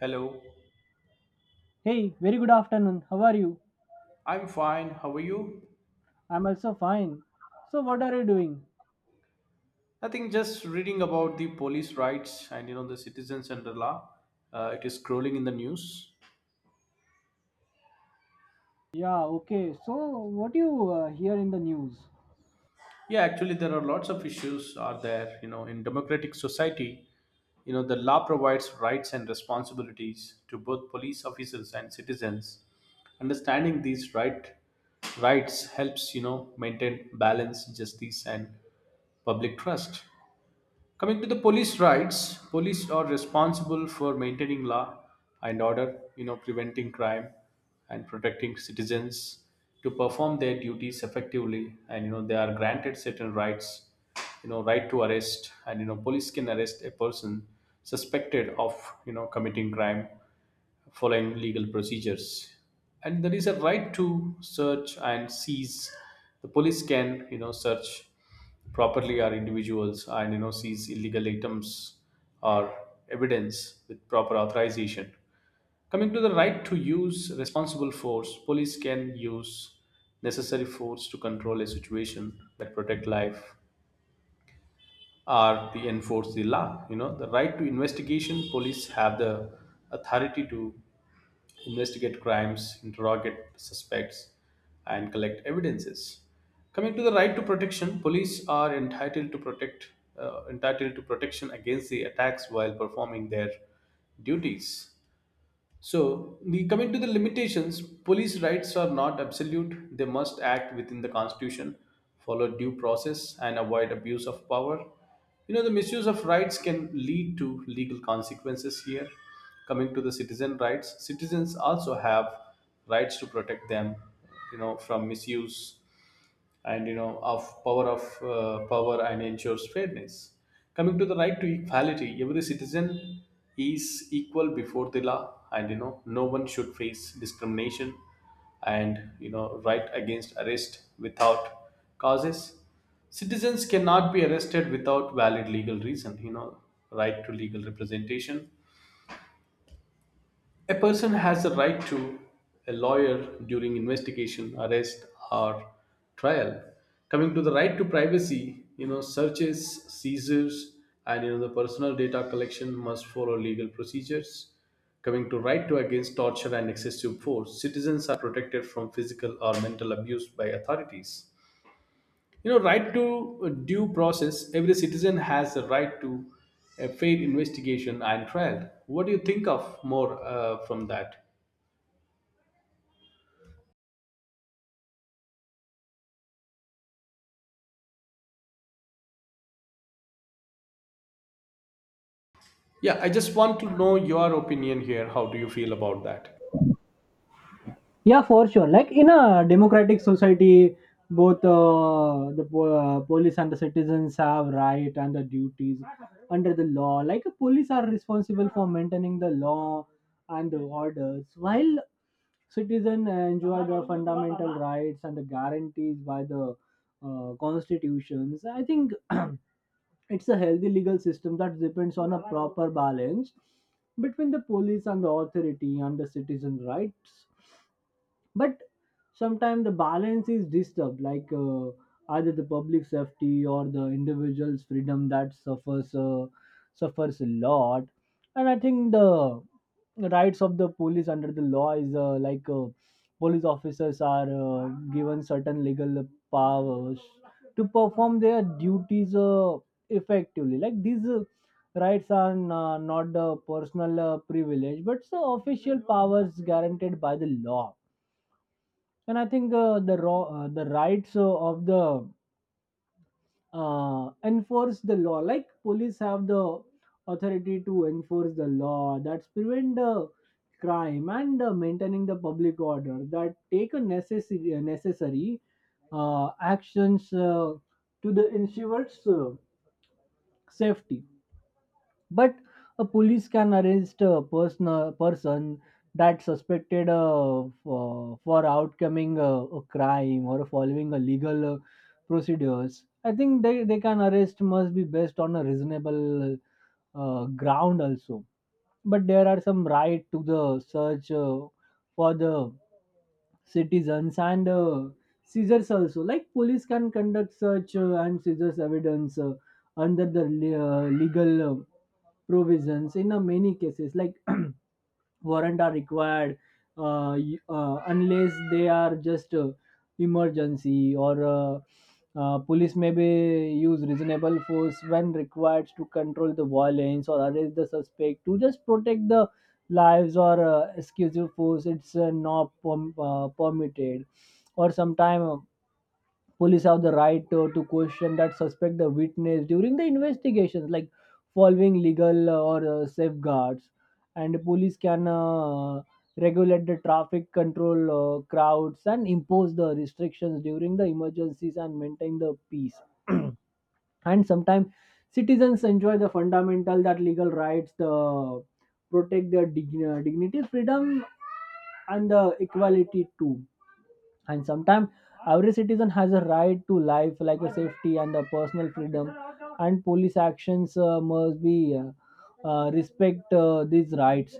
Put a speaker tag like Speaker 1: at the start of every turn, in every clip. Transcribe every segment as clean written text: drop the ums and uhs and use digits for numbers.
Speaker 1: Hello,
Speaker 2: Hey, very good afternoon. How are you?
Speaker 1: I'm fine. How are you?
Speaker 2: I'm also fine. So, what are you doing?
Speaker 1: Nothing, just reading about the police rights and the citizens under law. It is scrolling in the news.
Speaker 2: Yeah, okay. So, what do you hear in the news?
Speaker 1: Yeah, actually, there are lots of issues are there. In democratic society, the law provides rights and responsibilities to both police officers and citizens. Understanding these rights helps maintain balance, justice, and public trust. Coming to the police rights, police are responsible for maintaining law and order, preventing crime and protecting citizens to perform their duties effectively. They are granted certain rights, right to arrest, and police can arrest a person suspected of committing crime following legal procedures. And there is a right to search and seize. The police can search properly are individuals and seize illegal items or evidence with proper authorization. Coming to the right to use responsible force, police can use necessary force to control a situation that protect life are the enforce the law. You know the right to investigation, police have the authority to investigate crimes, interrogate suspects, and collect evidences. Coming to the right to protection, police are entitled to protect entitled to protection against the attacks while performing their duties. So, coming to the limitations, police rights are not absolute. They must act within the Constitution, follow due process, and avoid abuse of power. The misuse of rights can lead to legal consequences here. Coming to the citizen rights, citizens also have rights to protect them, from misuse and you know of power and ensures fairness. Coming to the right to equality, every citizen is equal before the law, and no one should face discrimination, and right against arrest without causes. Citizens cannot be arrested without valid legal reason. You know right to legal representation, a person has the right to a lawyer during investigation, arrest, or trial. Coming to the right to privacy, searches, seizures, and the personal data collection must follow legal procedures. Coming to right to against torture and excessive force, citizens are protected from physical or mental abuse by authorities. Right to due process. Every citizen has the right to a fair investigation and trial. What do you think of more from that? Yeah, I just want to know your opinion here. How do you feel about that?
Speaker 2: Yeah, for sure. Like in a democratic society, both police and the citizens have right and the duties under the law. Like police are responsible for maintaining the law and the orders, while citizens enjoy the fundamental rights and the guarantees by the constitutions. I think it's a healthy legal system that depends on a proper balance between the police and the authority and the citizen rights. But sometimes the balance is disturbed like either the public safety or the individual's freedom that suffers a lot, and I think the rights of the police under the law is like police officers are given certain legal powers to perform their duties effectively, like these rights are not the personal privilege but the official powers guaranteed by the law. And I think the rights of the enforce the law, like police have the authority to enforce the law, that's prevent the crime and maintaining the public order, that take a necessary actions to the ensures safety. But a police can arrest a person that suspected for outcoming a crime or following a legal procedures. I think they can arrest must be based on a reasonable ground also. But there are some right to the search for the citizens and seizures also, like police can conduct search and seizures evidence under the legal provisions in many cases, like warrant are required, unless they are just emergency or police may be use reasonable force when required to control the violence or arrest the suspect to just protect the lives. Or excessive force, it's not permitted. Or sometime police have the right to question that suspect the witness during the investigations, like following legal or safeguards. And police can regulate the traffic, control crowds, and impose the restrictions during the emergencies and maintain the peace. And sometimes citizens enjoy the fundamental that legal rights, the protect their dignity, freedom, and the equality too. And sometimes every citizen has a right to life, like a safety and a personal freedom, and police actions must be respect these rights.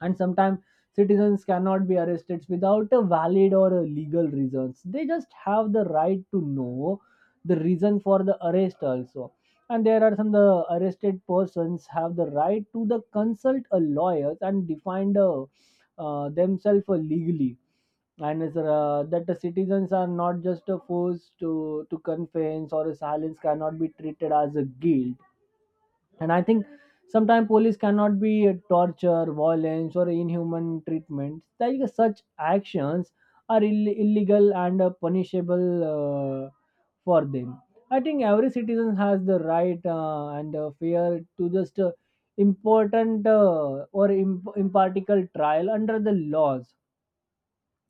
Speaker 2: And sometimes citizens cannot be arrested without a valid or a legal reasons. They just have the right to know the reason for the arrest also. And there are some the arrested persons have the right to the consult a lawyer and defend themselves legally. And it's, that the citizens are not just a force to confess or a silence cannot be treated as a guilt. And I think sometimes police cannot be torture, violence, or inhuman treatment, like such actions are illegal and punishable for them. I think every citizen has the right and fear to just important or impartial trial under the laws.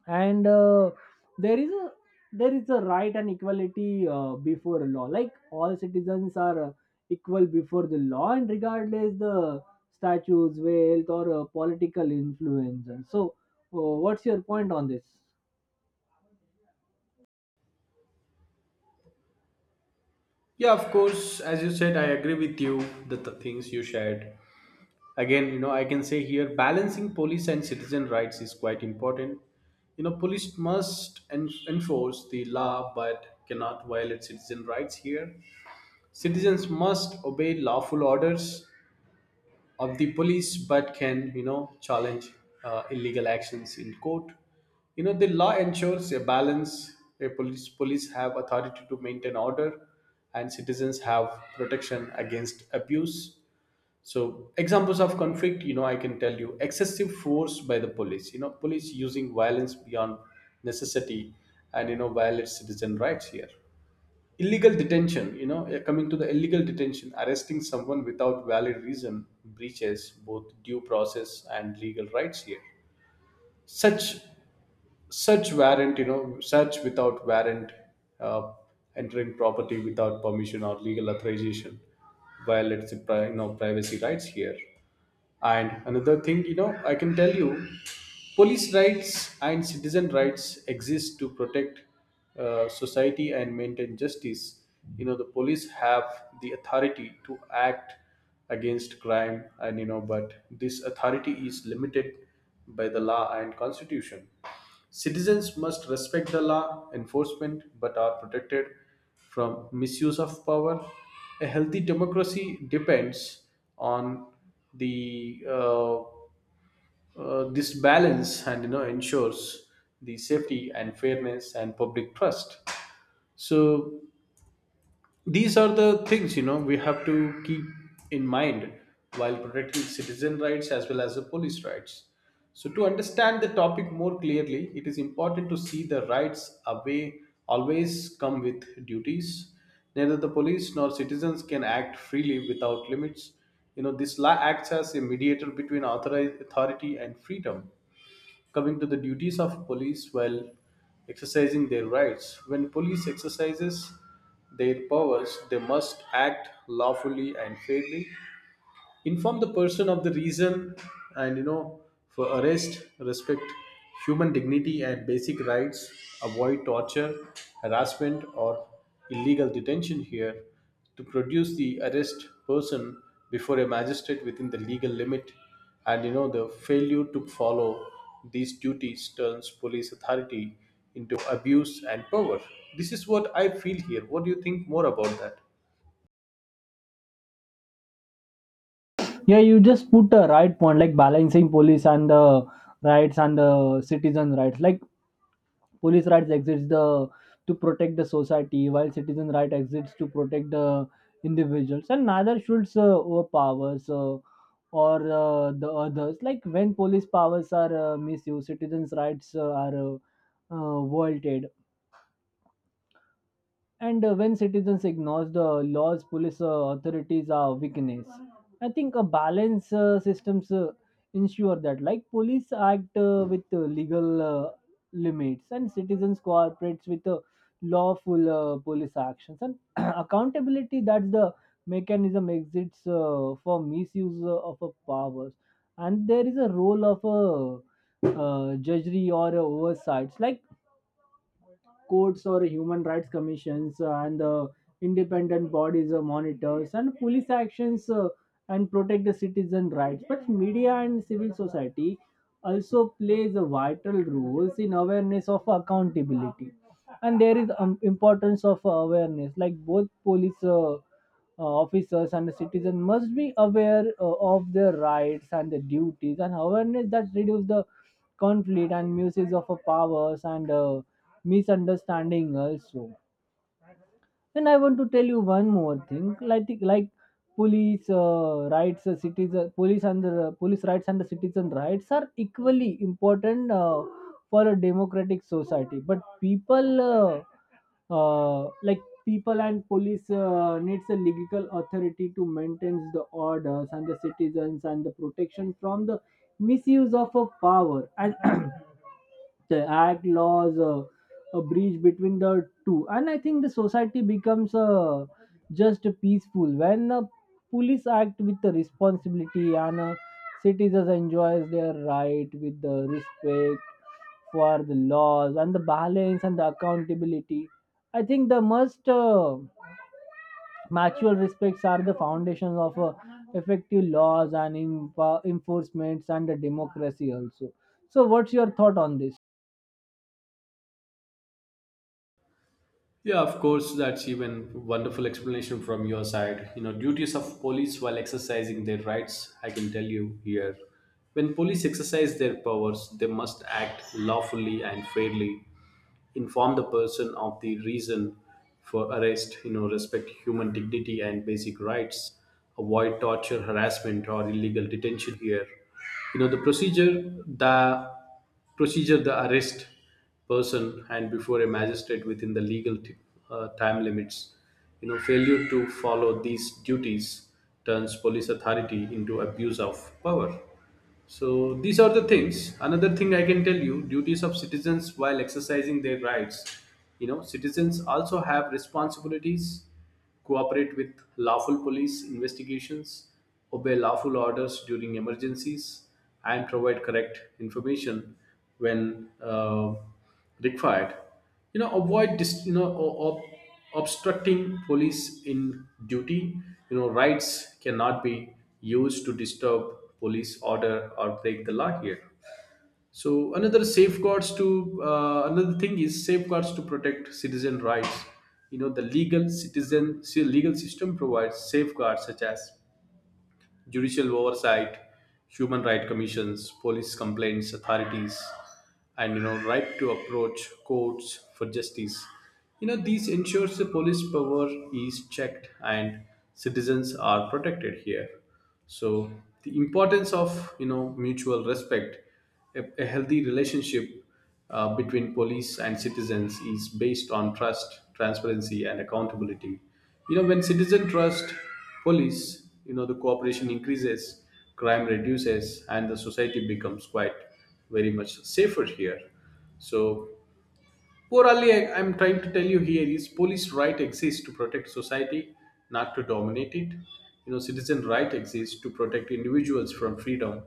Speaker 2: And there is a there is a right and equality before law, like all citizens are equal before the law, and regardless the statues, wealth, or political influence. And so what's your point on this?
Speaker 1: Yeah, of course. As you said, I agree with you that the things you shared. Again, I can say here balancing police and citizen rights is quite important. You know, police must enforce the law but cannot violate citizen rights here. Citizens must obey lawful orders of the police but can challenge illegal actions in court. You know the law ensures a balance where police have authority to maintain order and citizens have protection against abuse. So, examples of conflict, I can tell you excessive force by the police, police using violence beyond necessity and violate citizen rights here. Illegal detention, coming to the illegal detention, arresting someone without valid reason breaches both due process and legal rights here. Such such warrant you know search without warrant, uh, entering property without permission or legal authorization violates the privacy rights here. And another thing, I can tell you, police rights and citizen rights exist to protect society and maintain justice. You know the police have the authority to act against crime, and but this authority is limited by the law and constitution. Citizens must respect the law enforcement but are protected from misuse of power. A healthy democracy depends on the this balance, and ensures the safety and fairness and public trust. So these are the things we have to keep in mind while protecting citizen rights as well as the police rights. So to understand the topic more clearly, it is important to see the rights away always come with duties. Neither the police nor citizens can act freely without limits. You know this law acts as a mediator between authority and freedom. Coming to the duties of police while exercising their rights. When police exercises their powers, they must act lawfully and fairly, inform the person of the reason, and for arrest, respect human dignity and basic rights, avoid torture, harassment, or illegal detention here, to produce the arrest person before a magistrate within the legal limit. And the failure to follow these duties turns police authority into abuse and power. This is what I feel here. What do you think more about that?
Speaker 2: Yeah, you just put a right point, like balancing police and the rights and the citizen rights. Like police rights exists the to protect the society, while citizen right exists to protect the individuals, and neither should overpowers or the others. Like when police powers are misused, citizens rights are vaulted. And when citizens ignores the laws, police authorities are weakness. I think a balance systems ensure that, like police act with legal limits, and citizens cooperates with lawful police actions and accountability. That's the mechanism exists for misuse of powers, and there is a role of a judgery or oversights, like courts or human rights commissions and independent bodies or monitors and police actions and protect the citizen rights. But media and civil society also plays a vital roles in awareness of accountability. And there is importance of awareness, like both police officers and the citizen must be aware of their rights and the duties, and awareness that reduce the conflict and misuse of powers and misunderstanding also. And I want to tell you one more thing, like police rights and the citizen rights are equally important for a democratic society. But uh, like people and police needs a legal authority to maintain the orders and the citizens and the protection from the misuse of a power. And the act laws a breach between the two. And I think the society becomes just peaceful when police act with the responsibility and citizens enjoys their right with the respect for the laws and the balance and the accountability. I think the most mutual respects are the foundations of effective laws and enforcements and the democracy also. So what's your thought on this?
Speaker 1: Yeah, of course, that's even wonderful explanation from your side. You know, duties of police while exercising their rights, I can tell you here. When police exercise their powers, they must act lawfully and fairly, inform the person of the reason for arrest. You know respect human dignity and basic rights, avoid torture, harassment, or illegal detention here. You know the the procedure, the arrest person and before a magistrate within the legal time limits. You know failure to follow these duties turns police authority into abuse of power. So these are the things. Another thing I can tell you, duties of citizens while exercising their rights. You know, citizens also have responsibilities, cooperate with lawful police investigations, obey lawful orders during emergencies, and provide correct information when required. You know avoid obstructing police in duty. You know rights cannot be used to disturb police order or break the law here. So another safeguards to another thing is safeguards to protect citizen rights. You know the legal system provides safeguards such as judicial oversight, human rights commissions, police complaints authorities, and right to approach courts for justice. You know these ensures the police power is checked and citizens are protected here. So the importance of mutual respect, a healthy relationship between police and citizens is based on trust, transparency, and accountability. You know, when citizens trust police, the cooperation increases, crime reduces, and the society becomes quite very much safer here. So, Poorly, I am trying to tell you here is police right exists to protect society, not to dominate it. You know, citizen right exists to protect individuals from freedom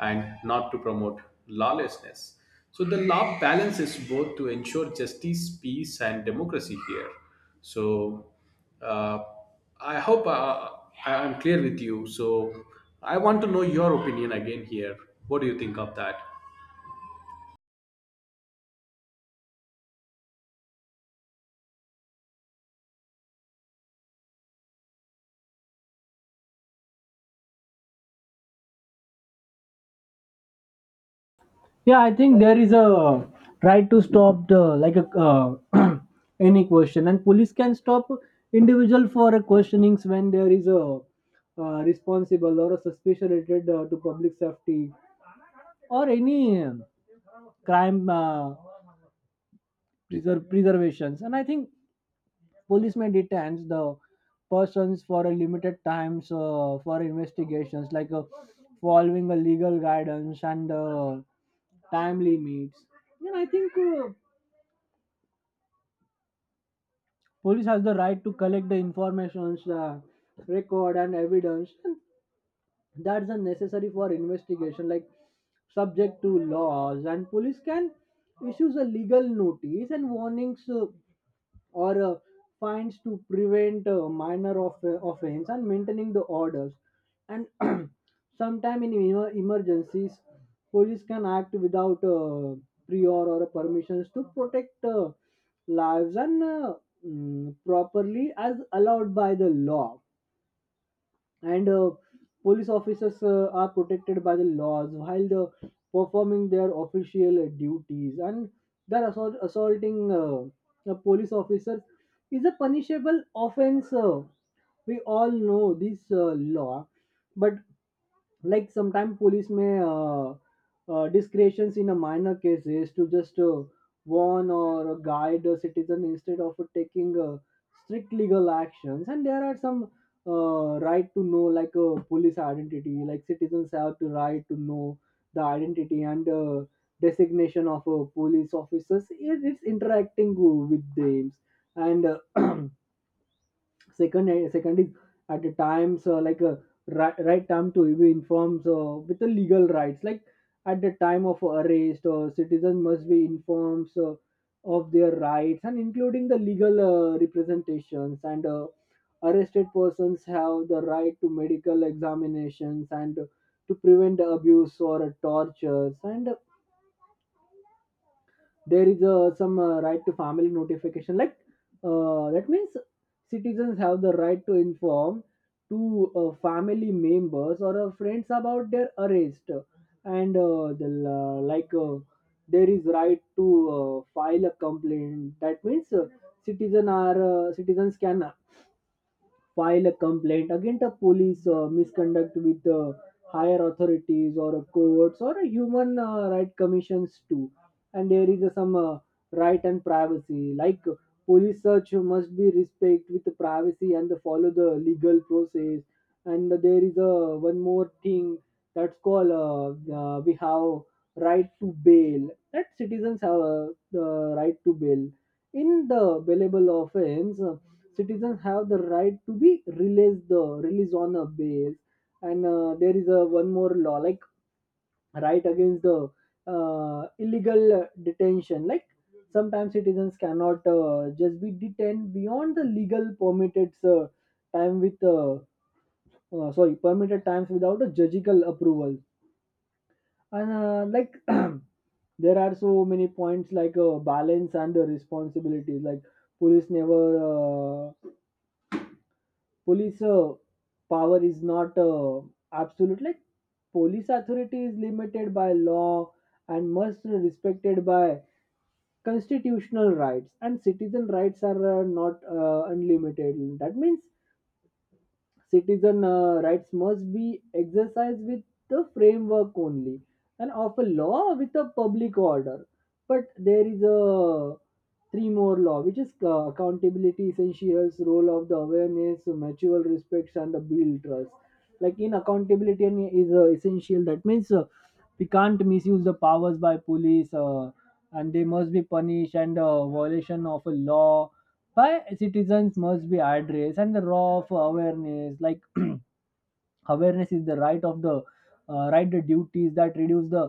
Speaker 1: and not to promote lawlessness. So the law balances both to ensure justice, peace, and democracy here. So uh, I hope I am clear with you. So I want to know your opinion again here. What do you think of that?
Speaker 2: Yeah, I think there is a right to stop the, like a any question, and police can stop individual for a questionings when there is a responsible or a suspicion related to public safety or any crime preservations. And I think police may detain the persons for a limited times for investigations, like following a legal guidance and time limits. And I think. Police has the right to collect the informations record and evidence, and that's a necessary for investigation, like subject to laws. And police can issue a legal notice and warnings or fines to prevent minor offense and maintaining the orders. And sometime in emergencies, police can act without prior or permissions to protect lives and properly as allowed by the law. And police officers are protected by the laws while the performing their official duties. And that assaulting a police officer is a punishable offense. We all know this law. But like sometimes police may discretions in a minor case is to just warn or guide a citizen instead of taking strict legal actions. And there are some right to know, like police identity, like citizens have to right to know the identity and designation of police officers it's interacting with them. And uh, second is at the times like a right time to be informed with the legal rights, like at the time of arrest citizen must be informed of their rights and including the legal representations. And arrested persons have the right to medical examinations and to prevent abuse or tortures. And there is some right to family notification, like that means citizens have the right to inform to family members or friends about their arrest. And there is right to file a complaint, that means citizens can file a complaint against a police misconduct with higher authorities or a courts or a human right commissions too. And there is some right and privacy, like police search must be respect with the privacy and the follow the legal process. And there is a one more thing that's called we have right to bail, that citizens have the right to bail in the bailable offense. Citizens have the right to be released the release on a bail. And there is a one more law, like right against the illegal detention, like sometimes citizens cannot just be detained beyond the legal permitted time with sorry permitted times without a judicial approval. And like there are so many points, like balance and the responsibilities, like police never uh, police power is not absolute. Like police authority is limited by law and must be respected by constitutional rights. And citizen rights are not unlimited, that means citizen rights must be exercised with the framework only and of a law with a public order. But there is a three more law which is accountability essentials, role of the awareness, mutual respects, and the build trust. Like in accountability and is essential, that means we can't misuse the powers by police and they must be punished. And violation of a law why citizens must be addressed, and the raw of awareness, like awareness is the right of the right the duties that reduce the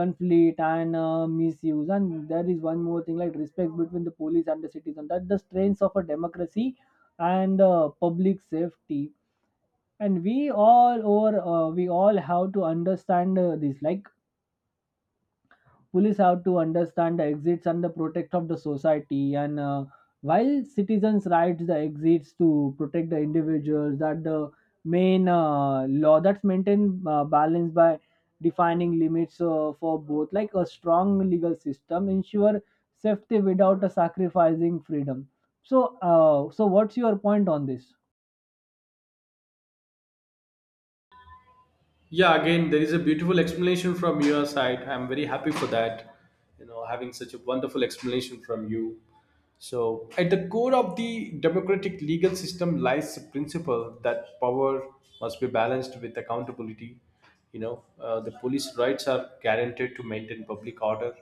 Speaker 2: conflict and misuse. And there is one more thing, like respect between the police and the citizen that the strengths of a democracy and public safety. And we all have to understand this, like police have to understand the exits and the protect of the society and while citizens rights the exits to protect the individuals, that the main law that's maintained balance by defining limits for both, like a strong legal system ensure safety without sacrificing freedom. So so what's your point on this?
Speaker 1: Yeah, again, there is a beautiful explanation from your side. I'm very happy for that. You know, having such a wonderful explanation from you. So, at the core of the democratic legal system lies the principle that power must be balanced with accountability. The police rights are guaranteed to maintain public order,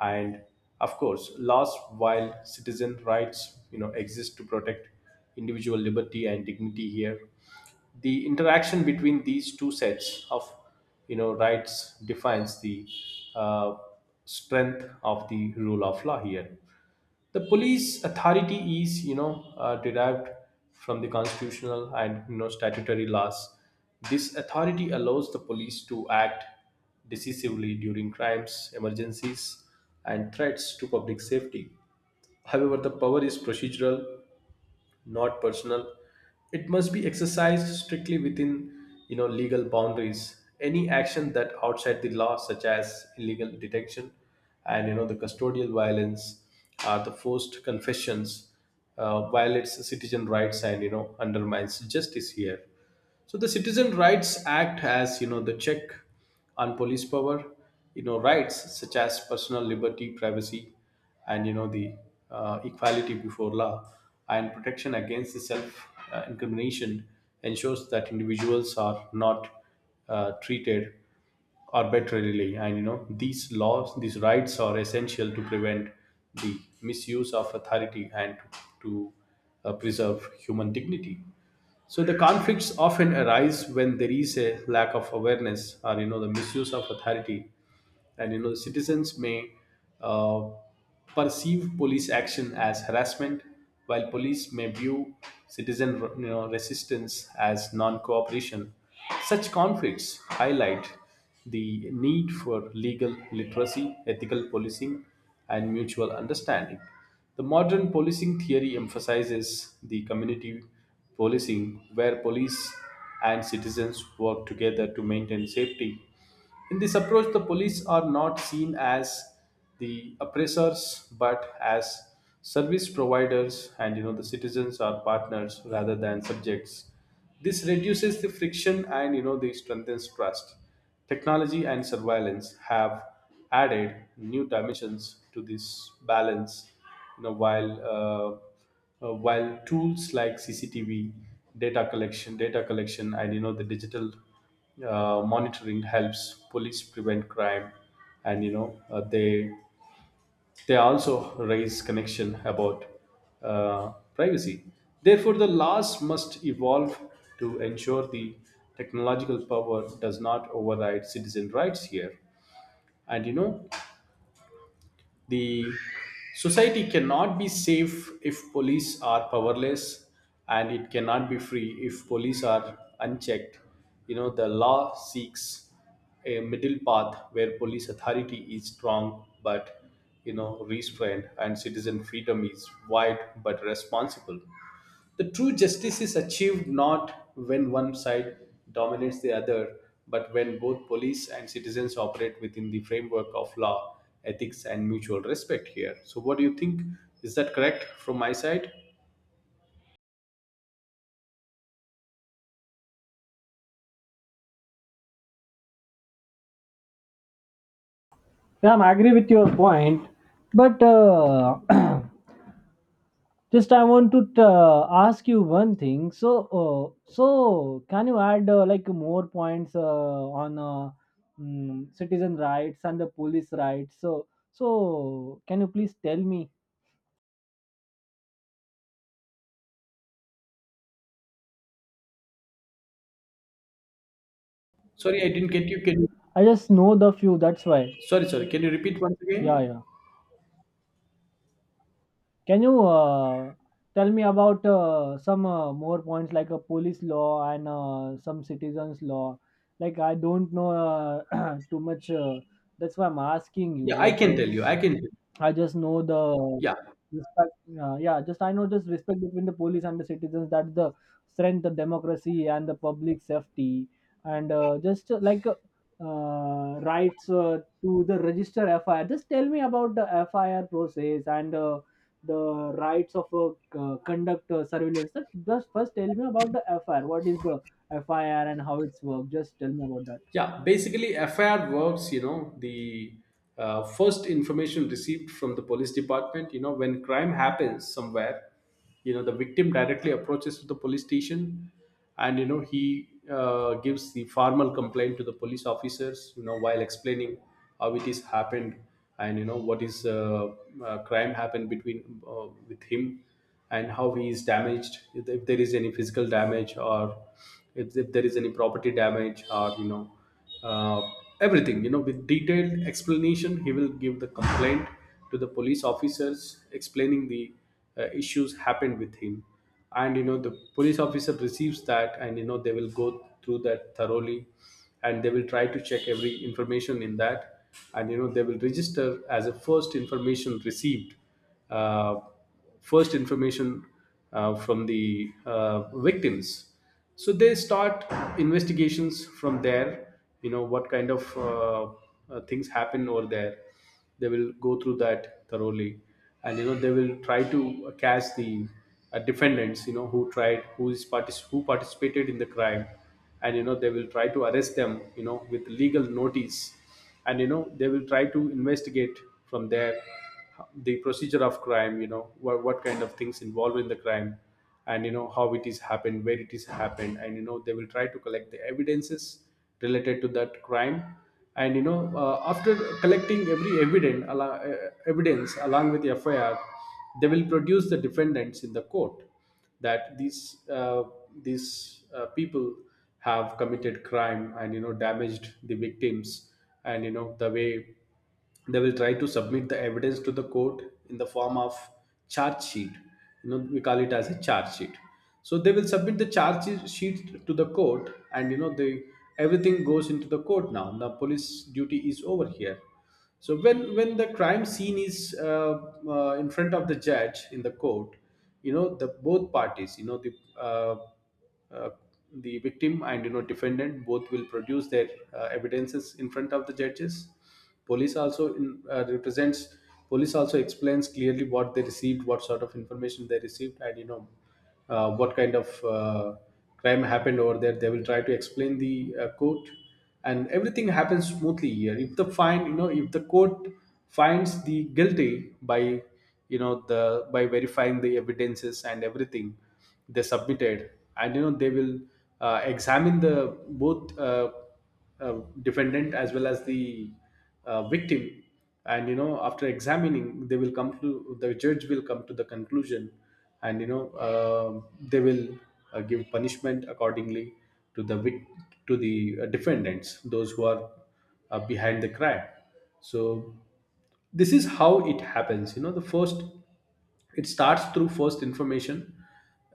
Speaker 1: and of course laws, while citizen rights exist to protect individual liberty and dignity here. The interaction between these two sets of rights defines the uh, strength of the rule of law here. The police authority is, derived from the constitutional and statutory laws. This authority allows the police to act decisively during crimes, emergencies, and threats to public safety. However, the power is procedural, not personal. It must be exercised strictly within, legal boundaries. Any action that outside the law, such as illegal detention and the custodial violence, the forced confessions, violates citizen rights and undermines justice here. So the Citizen Rights Act has, the check on police power. Rights such as personal liberty, privacy, and the equality before law and protection against the self incrimination ensures that individuals are not treated arbitrarily, and these rights are essential to prevent the misuse of authority and to preserve human dignity. So the conflicts often arise when there is a lack of awareness or the misuse of authority, and citizens may uh, perceive police action as harassment, while police may view citizen resistance as non-cooperation. Such conflicts highlight the need for legal literacy, ethical policing, and mutual understanding. The modern policing theory emphasizes the community policing where police and citizens work together to maintain safety. In this approach, the police are not seen as the oppressors but as service providers, and the citizens are partners rather than subjects. This reduces the friction and the strengthens trust. Technology and surveillance have added new dimensions to this balance. You know while uh, while tools like CCTV, data collection, and the digital monitoring helps police prevent crime. And they also raise connection about privacy. Therefore, the laws must evolve to ensure the technological power does not override citizen rights here. And the society cannot be safe if police are powerless, and it cannot be free if police are unchecked. The law seeks a middle path where police authority is strong but restrained, and citizen freedom is wide but responsible. The true justice is achieved not when one side dominates the other, but when both police and citizens operate within the framework of law, ethics, and mutual respect here. So, what do you think? Is that correct from my side?
Speaker 2: Yeah, I'm agree with your point. But just I want to ask you one thing. So, so can you add like more points on citizen rights and the police rights? So, so can you please tell me?
Speaker 1: Sorry, I didn't get you. Can you?
Speaker 2: I just know the few, that's why.
Speaker 1: Sorry, sorry. Can you repeat once
Speaker 2: Yeah,
Speaker 1: again?
Speaker 2: yeah. Can you tell me about some more points, like a police law and some citizens law? Like I don't know too much. That's why I'm asking you.
Speaker 1: Yeah, I
Speaker 2: Like.
Speaker 1: can tell you. I can.
Speaker 2: I just know the
Speaker 1: Yeah.
Speaker 2: respect. Yeah, just I know just respect between the police and the citizens. That's the strength of democracy and the public safety. And just rights to the register FIR. Just tell me about the FIR process and the rights of conduct surveillance. Just first tell me about the FIR. What is the FIR and how it's work? Just tell me about that.
Speaker 1: Yeah, basically, FIR works. The first information received from the police department. When crime happens somewhere, the victim directly approaches to the police station, and, he gives the formal complaint to the police officers, while explaining how it is happened, and, what is crime happened between with him, and how he is damaged. If there is any physical damage, or if there is any property damage, or uh, everything, with detailed explanation, he will give the complaint to the police officers, explaining the issues happened with him. And the police officer receives that, and they will go through that thoroughly, and they will try to check every information in that, and they will register as a first information received, uh, first information from the victims. So they start investigations from there. What kind of things happen over there. They will go through that thoroughly, and they will try to catch the defendants, who tried who is partic- who participated in the crime. And they will try to arrest them, with legal notice, and they will try to investigate from there the procedure of crime. What kind of things involved in the crime, and how it is happened, where it is happened. And they will try to collect the evidences related to that crime. And after collecting every evidence along with the FIR, they will produce the defendants in the court, that these people have committed crime, and damaged the victims. And the way they will try to submit the evidence to the court, in the form of charge sheet. We call it as a charge sheet. So they will submit the charge sheet to the court, and the everything goes into the court. Now the police duty is over here. So when the crime scene is in front of the judge in the court, the both parties, uh, uh, the victim, and defendant, both will produce their evidences in front of the judges. Police also represents. Police also explains clearly what they received, what sort of information they received, and what kind of crime happened over there. They will try to explain the court, and everything happens smoothly here. If the find you know if the court finds the guilty by verifying the evidences and everything they submitted, and they will examine the both uh, defendant as well as the victim, and after examining, the judge will come to the conclusion. And they will give punishment accordingly, to the vic- to the defendants, those who are behind the crime. So this is how it happens. The first, it starts through first information.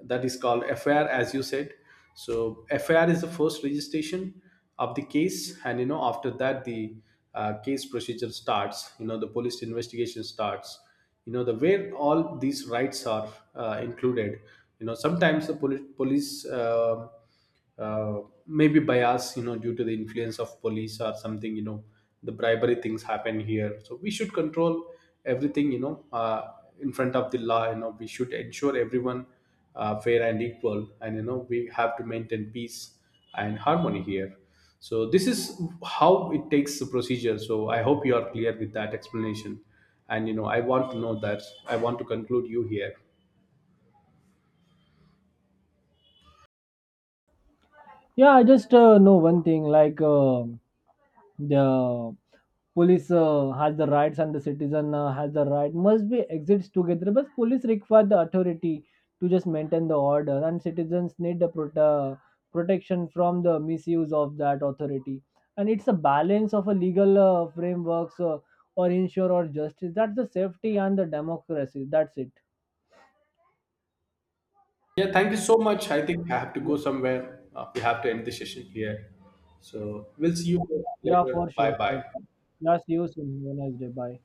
Speaker 1: That is called FIR, as you said. So FIR is the first registration of the case, and after that the case procedure starts. The police investigation starts. The where all these rights are included. Sometimes the poli- police uh, maybe bias, due to the influence of police or something, the bribery things happen here. So we should control everything, in front of the law. We should ensure everyone fair and equal, and we have to maintain peace and harmony here. So this is how it takes the procedure. So I hope you are clear with that explanation, and I want to know that. I want to conclude you here.
Speaker 2: Yeah, I just know one thing, like. The police has the rights and the citizen has the right must be exists together. But police require the authority to just maintain the order, and citizens need the protection from the misuse of that authority. And it's a balance of a legal frameworks or ensure or justice, that's the safety and the democracy. That's it.
Speaker 1: Yeah, thank you so much. I think I have to
Speaker 2: Yeah,
Speaker 1: go somewhere. We have to end the session here. So we'll see you
Speaker 2: yeah
Speaker 1: later.
Speaker 2: for sure,
Speaker 1: Bye
Speaker 2: for
Speaker 1: bye.
Speaker 2: sure. That's you soon. Have a nice day. Bye.